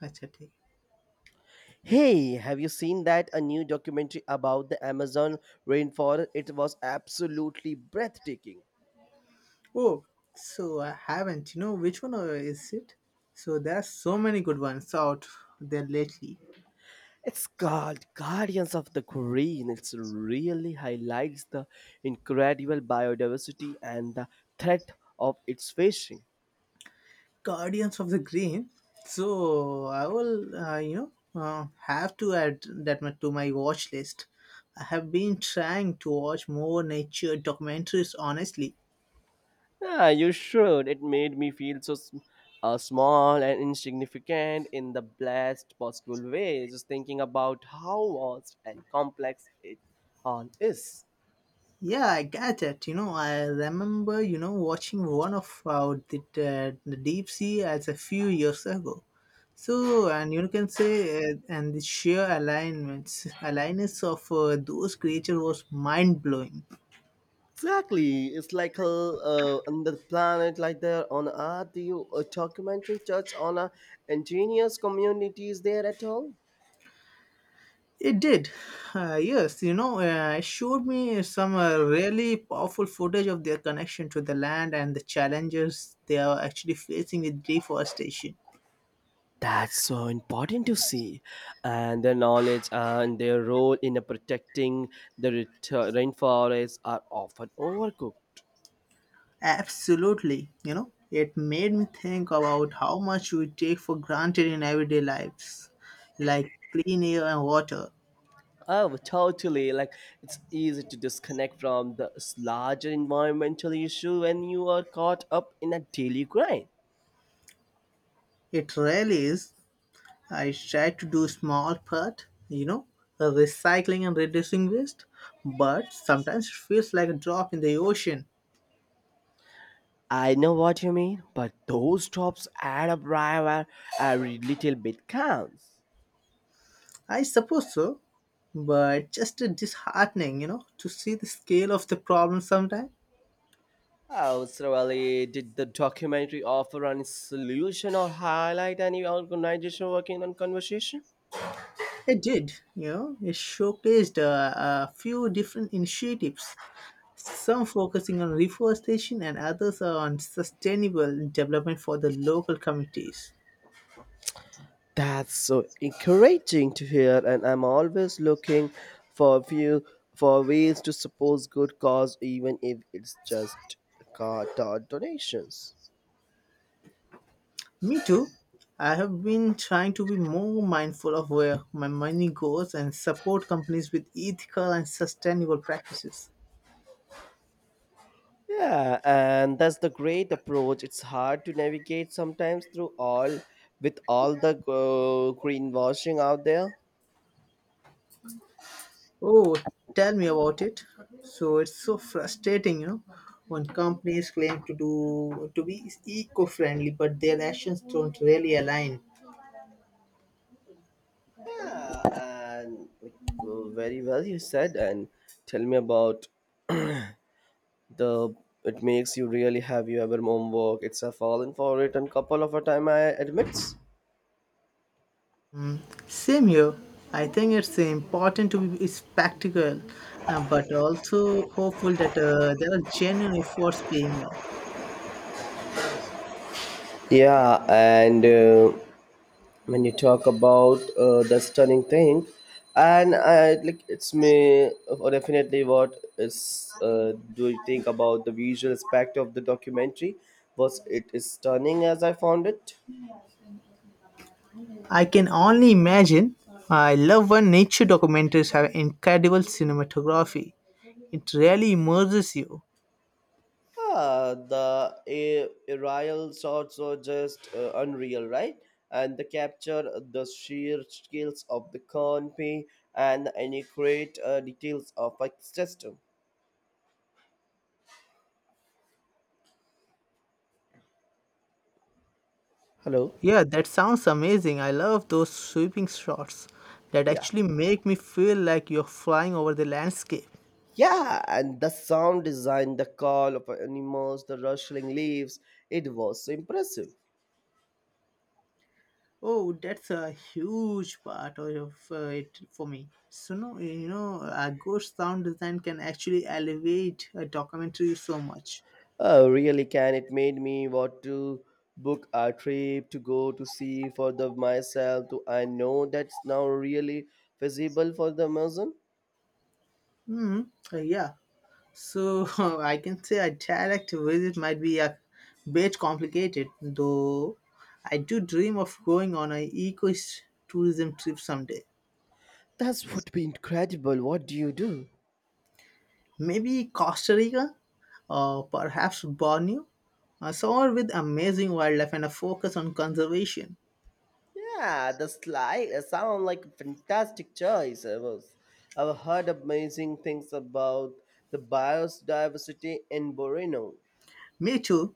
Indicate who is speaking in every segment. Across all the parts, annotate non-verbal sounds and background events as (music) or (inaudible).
Speaker 1: Acha thik.
Speaker 2: Hey, have you seen that a new documentary about the Amazon rainforest? It was absolutely breathtaking.
Speaker 1: Oh, so I haven't. You know which one is it? So there's so many good ones out there lately.
Speaker 2: It's called Guardians of the Green. It really highlights the incredible biodiversity and the threat of its fishing.
Speaker 1: Guardians of the Green. So I will, have to add that much to my watch list. I have been trying to watch more nature documentaries, honestly.
Speaker 2: Ah, you should. It made me feel so small and insignificant in the best possible way. Just thinking about how vast and complex it all is.
Speaker 1: Yeah, I got it. I remember, watching one of the deep sea as a few years ago. So, and you can say, and the sheer alignments of those creatures was mind blowing.
Speaker 2: Exactly. It's like a on the planet like there on Earth. Do you a documentary touch on a indigenous communities there at all?
Speaker 1: It did. Yes, it showed me some really powerful footage of their connection to the land and the challenges they are actually facing with deforestation.
Speaker 2: That's so important to see, and their knowledge and their role in protecting the rainforests are often overlooked.
Speaker 1: Absolutely. It made me think about how much we take for granted in everyday lives, like clean air and water.
Speaker 2: Oh, totally. Like it's easy to disconnect from the larger environmental issue when you are caught up in a daily grind.
Speaker 1: It really is. I try to do small part, recycling and reducing waste, but sometimes it feels like a drop in the ocean.
Speaker 2: I know what you mean, but those drops add up right where every little bit counts.
Speaker 1: I suppose so, but just disheartening, to see the scale of the problem sometimes.
Speaker 2: How thoroughly did the documentary offer any solution or highlight any organization working on conversation?
Speaker 1: It did, it showcased a few different initiatives. Some focusing on reforestation and others are on sustainable development for the local communities.
Speaker 2: That's so encouraging to hear, and I'm always looking for few for ways to support good cause, even if it's just car donations.
Speaker 1: Me too. I have been trying to be more mindful of where my money goes and support companies with ethical and sustainable practices.
Speaker 2: Yeah, and that's the great approach. It's hard to navigate sometimes through all with all the greenwashing out there.
Speaker 1: Oh, tell me about it. So it's so frustrating, when companies claim to do to be eco-friendly, but their actions don't really align.
Speaker 2: Yeah, and like, very well you said. And tell me about the it makes you really have you ever homework. It's a fallen for it and couple of a time I admits.
Speaker 1: Mm, Same here. I think it's important to be spectacle, but also hopeful that there are genuine efforts being made.
Speaker 2: Yeah, and. When you talk about the stunning thing and I like it's me or definitely what is do you think about the visual aspect of the documentary was it is stunning as I found it
Speaker 1: I can only imagine. I love when nature documentaries have incredible cinematography. It really immerses you.
Speaker 2: ah the aerial shots were just unreal right and the capture the sheer scales of the canopy and any great details of ecosystem hello
Speaker 1: Yeah, that sounds amazing. I love those sweeping shots that
Speaker 2: yeah.
Speaker 1: actually make me feel like you're flying over the landscape.
Speaker 2: Yeah, and the sound design, the call of animals, the rustling leaves, it was so impressive.
Speaker 1: Oh, that's a huge part of it for me. So no, a good sound design can actually elevate a documentary so much.
Speaker 2: Oh, really can it made me want to book a trip to go to see for the myself to I know that's now really feasible for the Amazon.
Speaker 1: Hmm. Yeah. So (laughs) I can say a direct visit might be a bit complicated, though. I do dream of going on an eco tourism trip someday.
Speaker 2: That would be incredible. What do you do?
Speaker 1: Maybe Costa Rica, or perhaps Borneo, somewhere with amazing wildlife and a focus on conservation.
Speaker 2: Yeah, the slide sound like a fantastic choice. I've heard amazing things about the biodiversity in Borneo.
Speaker 1: Me too.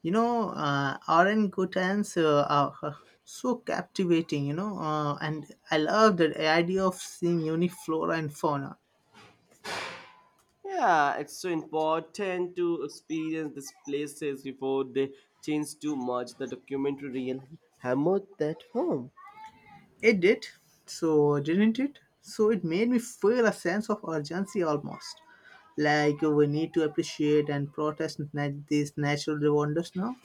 Speaker 1: Aaron Guttans are so captivating, and I love the idea of seeing unique flora and fauna.
Speaker 2: Yeah, it's so important to experience these places before they change too much. The documentary really hammered that home.
Speaker 1: It did, so didn't it? So it made me feel a sense of urgency, almost like we need to appreciate and these natural wonders now.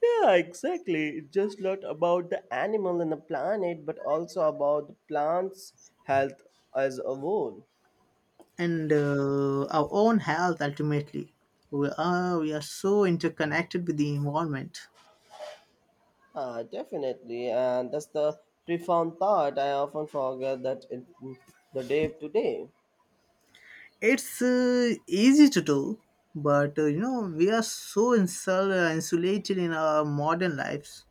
Speaker 2: Yeah, exactly. It's just not about the animal and the planet, but also about the plant's health as a whole.
Speaker 1: And our own health ultimately. We are so interconnected with the environment.
Speaker 2: Ah, definitely, and that's the profound thought I often forget that in the day to day.
Speaker 1: It's easy to do, but we are so insulated in our modern lives.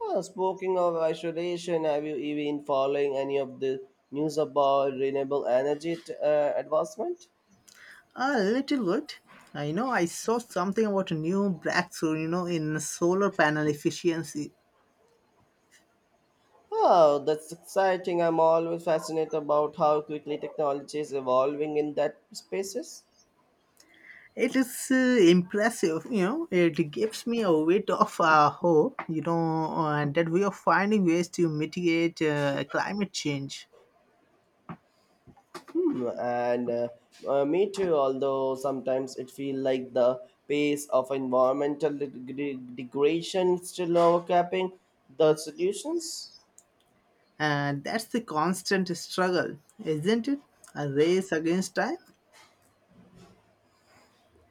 Speaker 2: Well, speaking of isolation, have you even following any of the news about renewable energy advancement?
Speaker 1: A little bit. I know I saw something about a new breakthrough, in solar panel efficiency.
Speaker 2: Oh, that's exciting. I'm always fascinated about how quickly technology is evolving in that spaces.
Speaker 1: It is impressive, it gives me a bit of hope, and that we are finding ways to mitigate climate change.
Speaker 2: Hmm, and Me too, although sometimes it feels like the pace of environmental degradation still overcapping the solutions.
Speaker 1: And that's the constant struggle, isn't it? A race against time.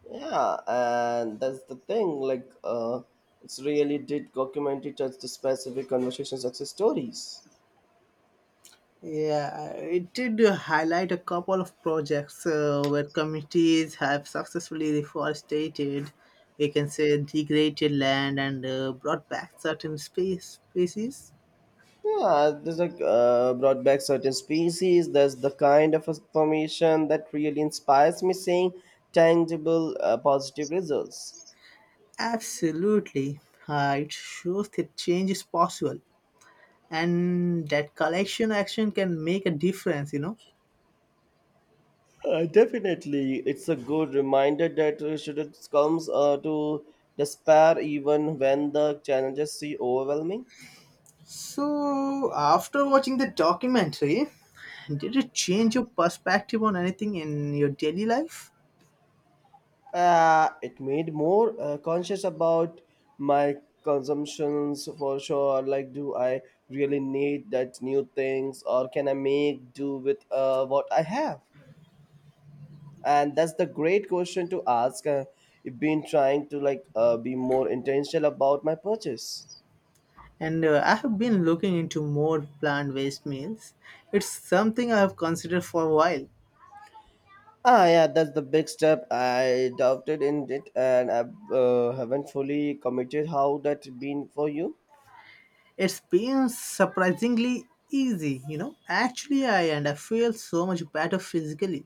Speaker 2: Yeah, and that's the thing. Like, it's really did documentary touch the specific conversation success stories.
Speaker 1: Yeah, it did highlight a couple of projects where committees have successfully reforested, we can say, degraded land and brought back certain species.
Speaker 2: Yeah, there's like brought back certain species. There's the kind of information that really inspires me, seeing tangible positive results.
Speaker 1: Absolutely. It shows that change is possible and that collection action can make a difference, you know.
Speaker 2: Definitely, it's a good reminder that should it comes to despair even when the challenges seem overwhelming.
Speaker 1: So, after watching the documentary, did it change your perspective on anything in your daily life?
Speaker 2: It made more conscious about my consumptions for sure. Like, do I really need that new things, or can I make do with what I have? And that's the great question to ask. I've been trying to like be more intentional about my purchase.
Speaker 1: And I have been looking into more plant based meals. It's something I have considered for a while.
Speaker 2: Ah, yeah, that's the big step. I doubted in it, and I haven't fully committed. How that been for you?
Speaker 1: It's been surprisingly easy, Actually, I feel so much better physically.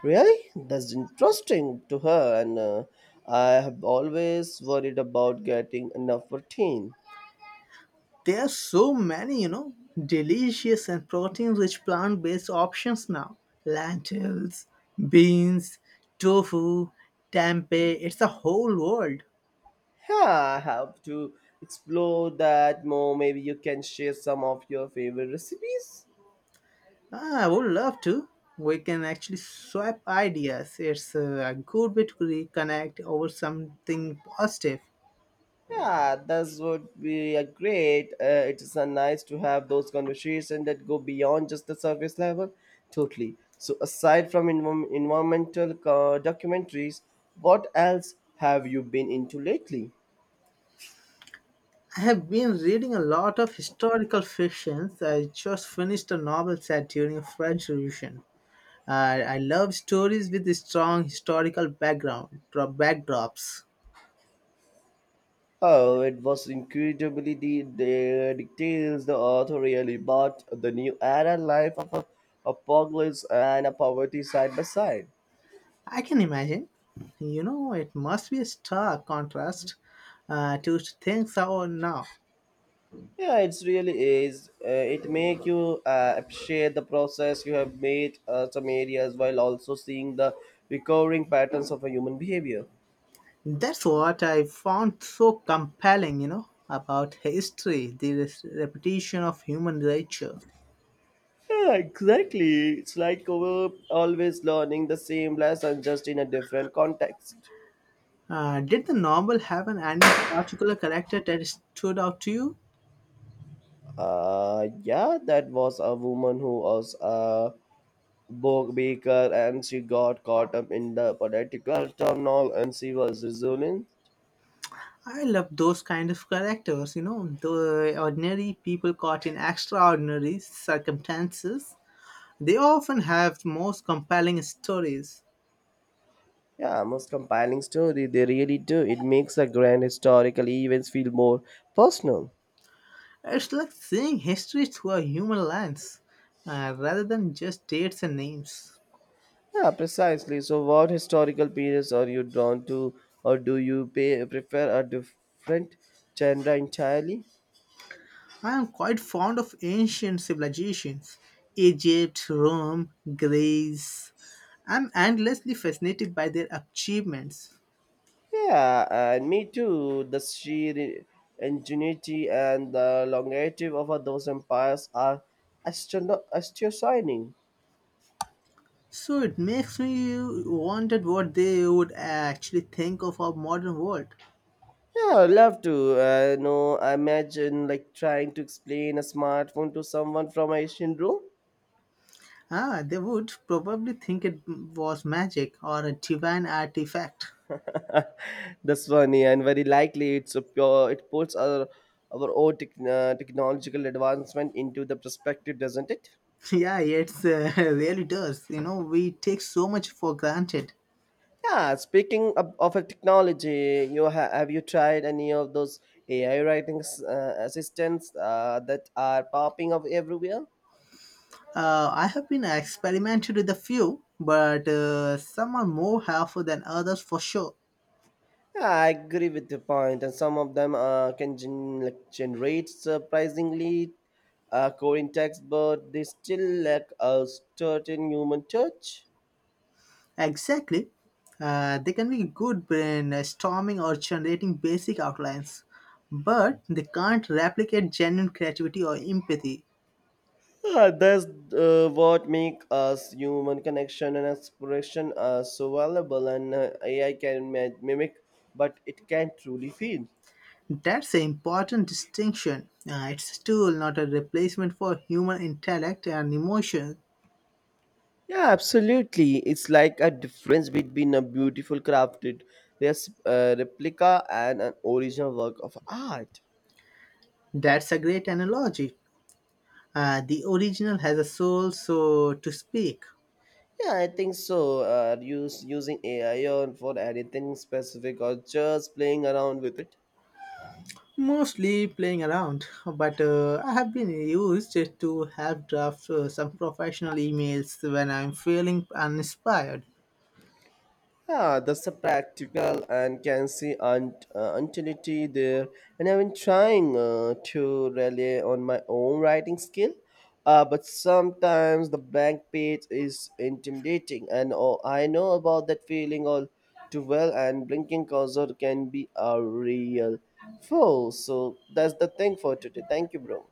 Speaker 2: Really? That's interesting to her, and I have always worried about getting enough routine.
Speaker 1: There are so many, delicious and protein rich plant based options now: lentils, beans, tofu, tempeh. It's a whole world.
Speaker 2: Yeah, I have to explore that more. Maybe you can share some of your favorite recipes.
Speaker 1: Ah, I would love to. We can actually swap ideas. It's a good way to reconnect over something positive.
Speaker 2: Yeah, that would be a great. It is nice to have those conversations that go beyond just the surface level. Totally. So, aside from environmental documentaries, what else have you been into lately?
Speaker 1: I have been reading a lot of historical fictions. I just finished a novel set during the French Revolution. I love stories with strong historical background, backdrops.
Speaker 2: Oh, it was incredibly the details the author really brought the new era life of a pogless and a poverty side by side.
Speaker 1: I can imagine. You know, it must be a stark contrast to things are now.
Speaker 2: Yeah, it's really is. It make you appreciate the process you have made some areas while also seeing the recurring patterns of a human behavior.
Speaker 1: That's what I found so compelling, you know, about history, the repetition of human nature.
Speaker 2: Yeah, exactly. It's like we're always learning the same lesson just in a different context.
Speaker 1: Did the novel have any particular character that stood out to you?
Speaker 2: Yeah, that was a woman who was Book Baker and she got caught up in the political turmoil and she was resilient.
Speaker 1: I love those kind of characters, you know, the ordinary people caught in extraordinary circumstances. They often have the most compelling stories.
Speaker 2: Yeah, most compelling story. They really do. It makes the grand historical events feel more personal.
Speaker 1: It's like seeing history through a human lens, rather than just dates and names.
Speaker 2: Yeah, precisely. So, what historical periods are you drawn to, or do you prefer a different genre entirely?
Speaker 1: I am quite fond of ancient civilizations: Egypt, Rome, Greece. I'm endlessly fascinated by their achievements.
Speaker 2: Yeah, and me too. The sheer ingenuity and the longevity of those empires are astonishing.
Speaker 1: So it makes me wonder what they would actually think of our modern world.
Speaker 2: Yeah, I'd love to. No, I imagine like trying to explain a smartphone to someone from a Asian room.
Speaker 1: Ah, they would probably think it was magic or a divine artifact.
Speaker 2: (laughs) That's funny and very likely it's a pure. It puts our own tech, technological advancement into the perspective, doesn't it?
Speaker 1: (laughs) Yeah, it's (laughs) really does. You know, we take so much for granted.
Speaker 2: Yeah. Speaking of a technology, you have you tried any of those AI writing assistants that are popping up everywhere?
Speaker 1: I have been experimented with a few, but some are more helpful than others for sure.
Speaker 2: Yeah, I agree with the point, and some of them can generate surprisingly coding text, but they still lack a certain human touch.
Speaker 1: Exactly. They can be good in storming or generating basic outlines, but they can't replicate genuine creativity or empathy.
Speaker 2: Yeah, that's what make us human connection and expression so valuable, and AI can mimic, but it can't truly feel.
Speaker 1: That's an important distinction. It's a tool, not a replacement for human intellect and emotion.
Speaker 2: Yeah, absolutely. It's like a difference between a beautiful crafted replica and an original work of art.
Speaker 1: That's a great analogy. The original has a soul, so to speak.
Speaker 2: Yeah, I think so. Are you using AI on for anything specific or just playing around with it?
Speaker 1: Mostly playing around, but I have been used to help draft some professional emails when I'm feeling uninspired.
Speaker 2: Ah, that's a practical and can see utility there. And I've been trying to rely on my own writing skill, but sometimes the blank page is intimidating, and oh, I know about that feeling all too well. And blinking cursor can be a real foe. So that's the thing for today. Thank you, bro.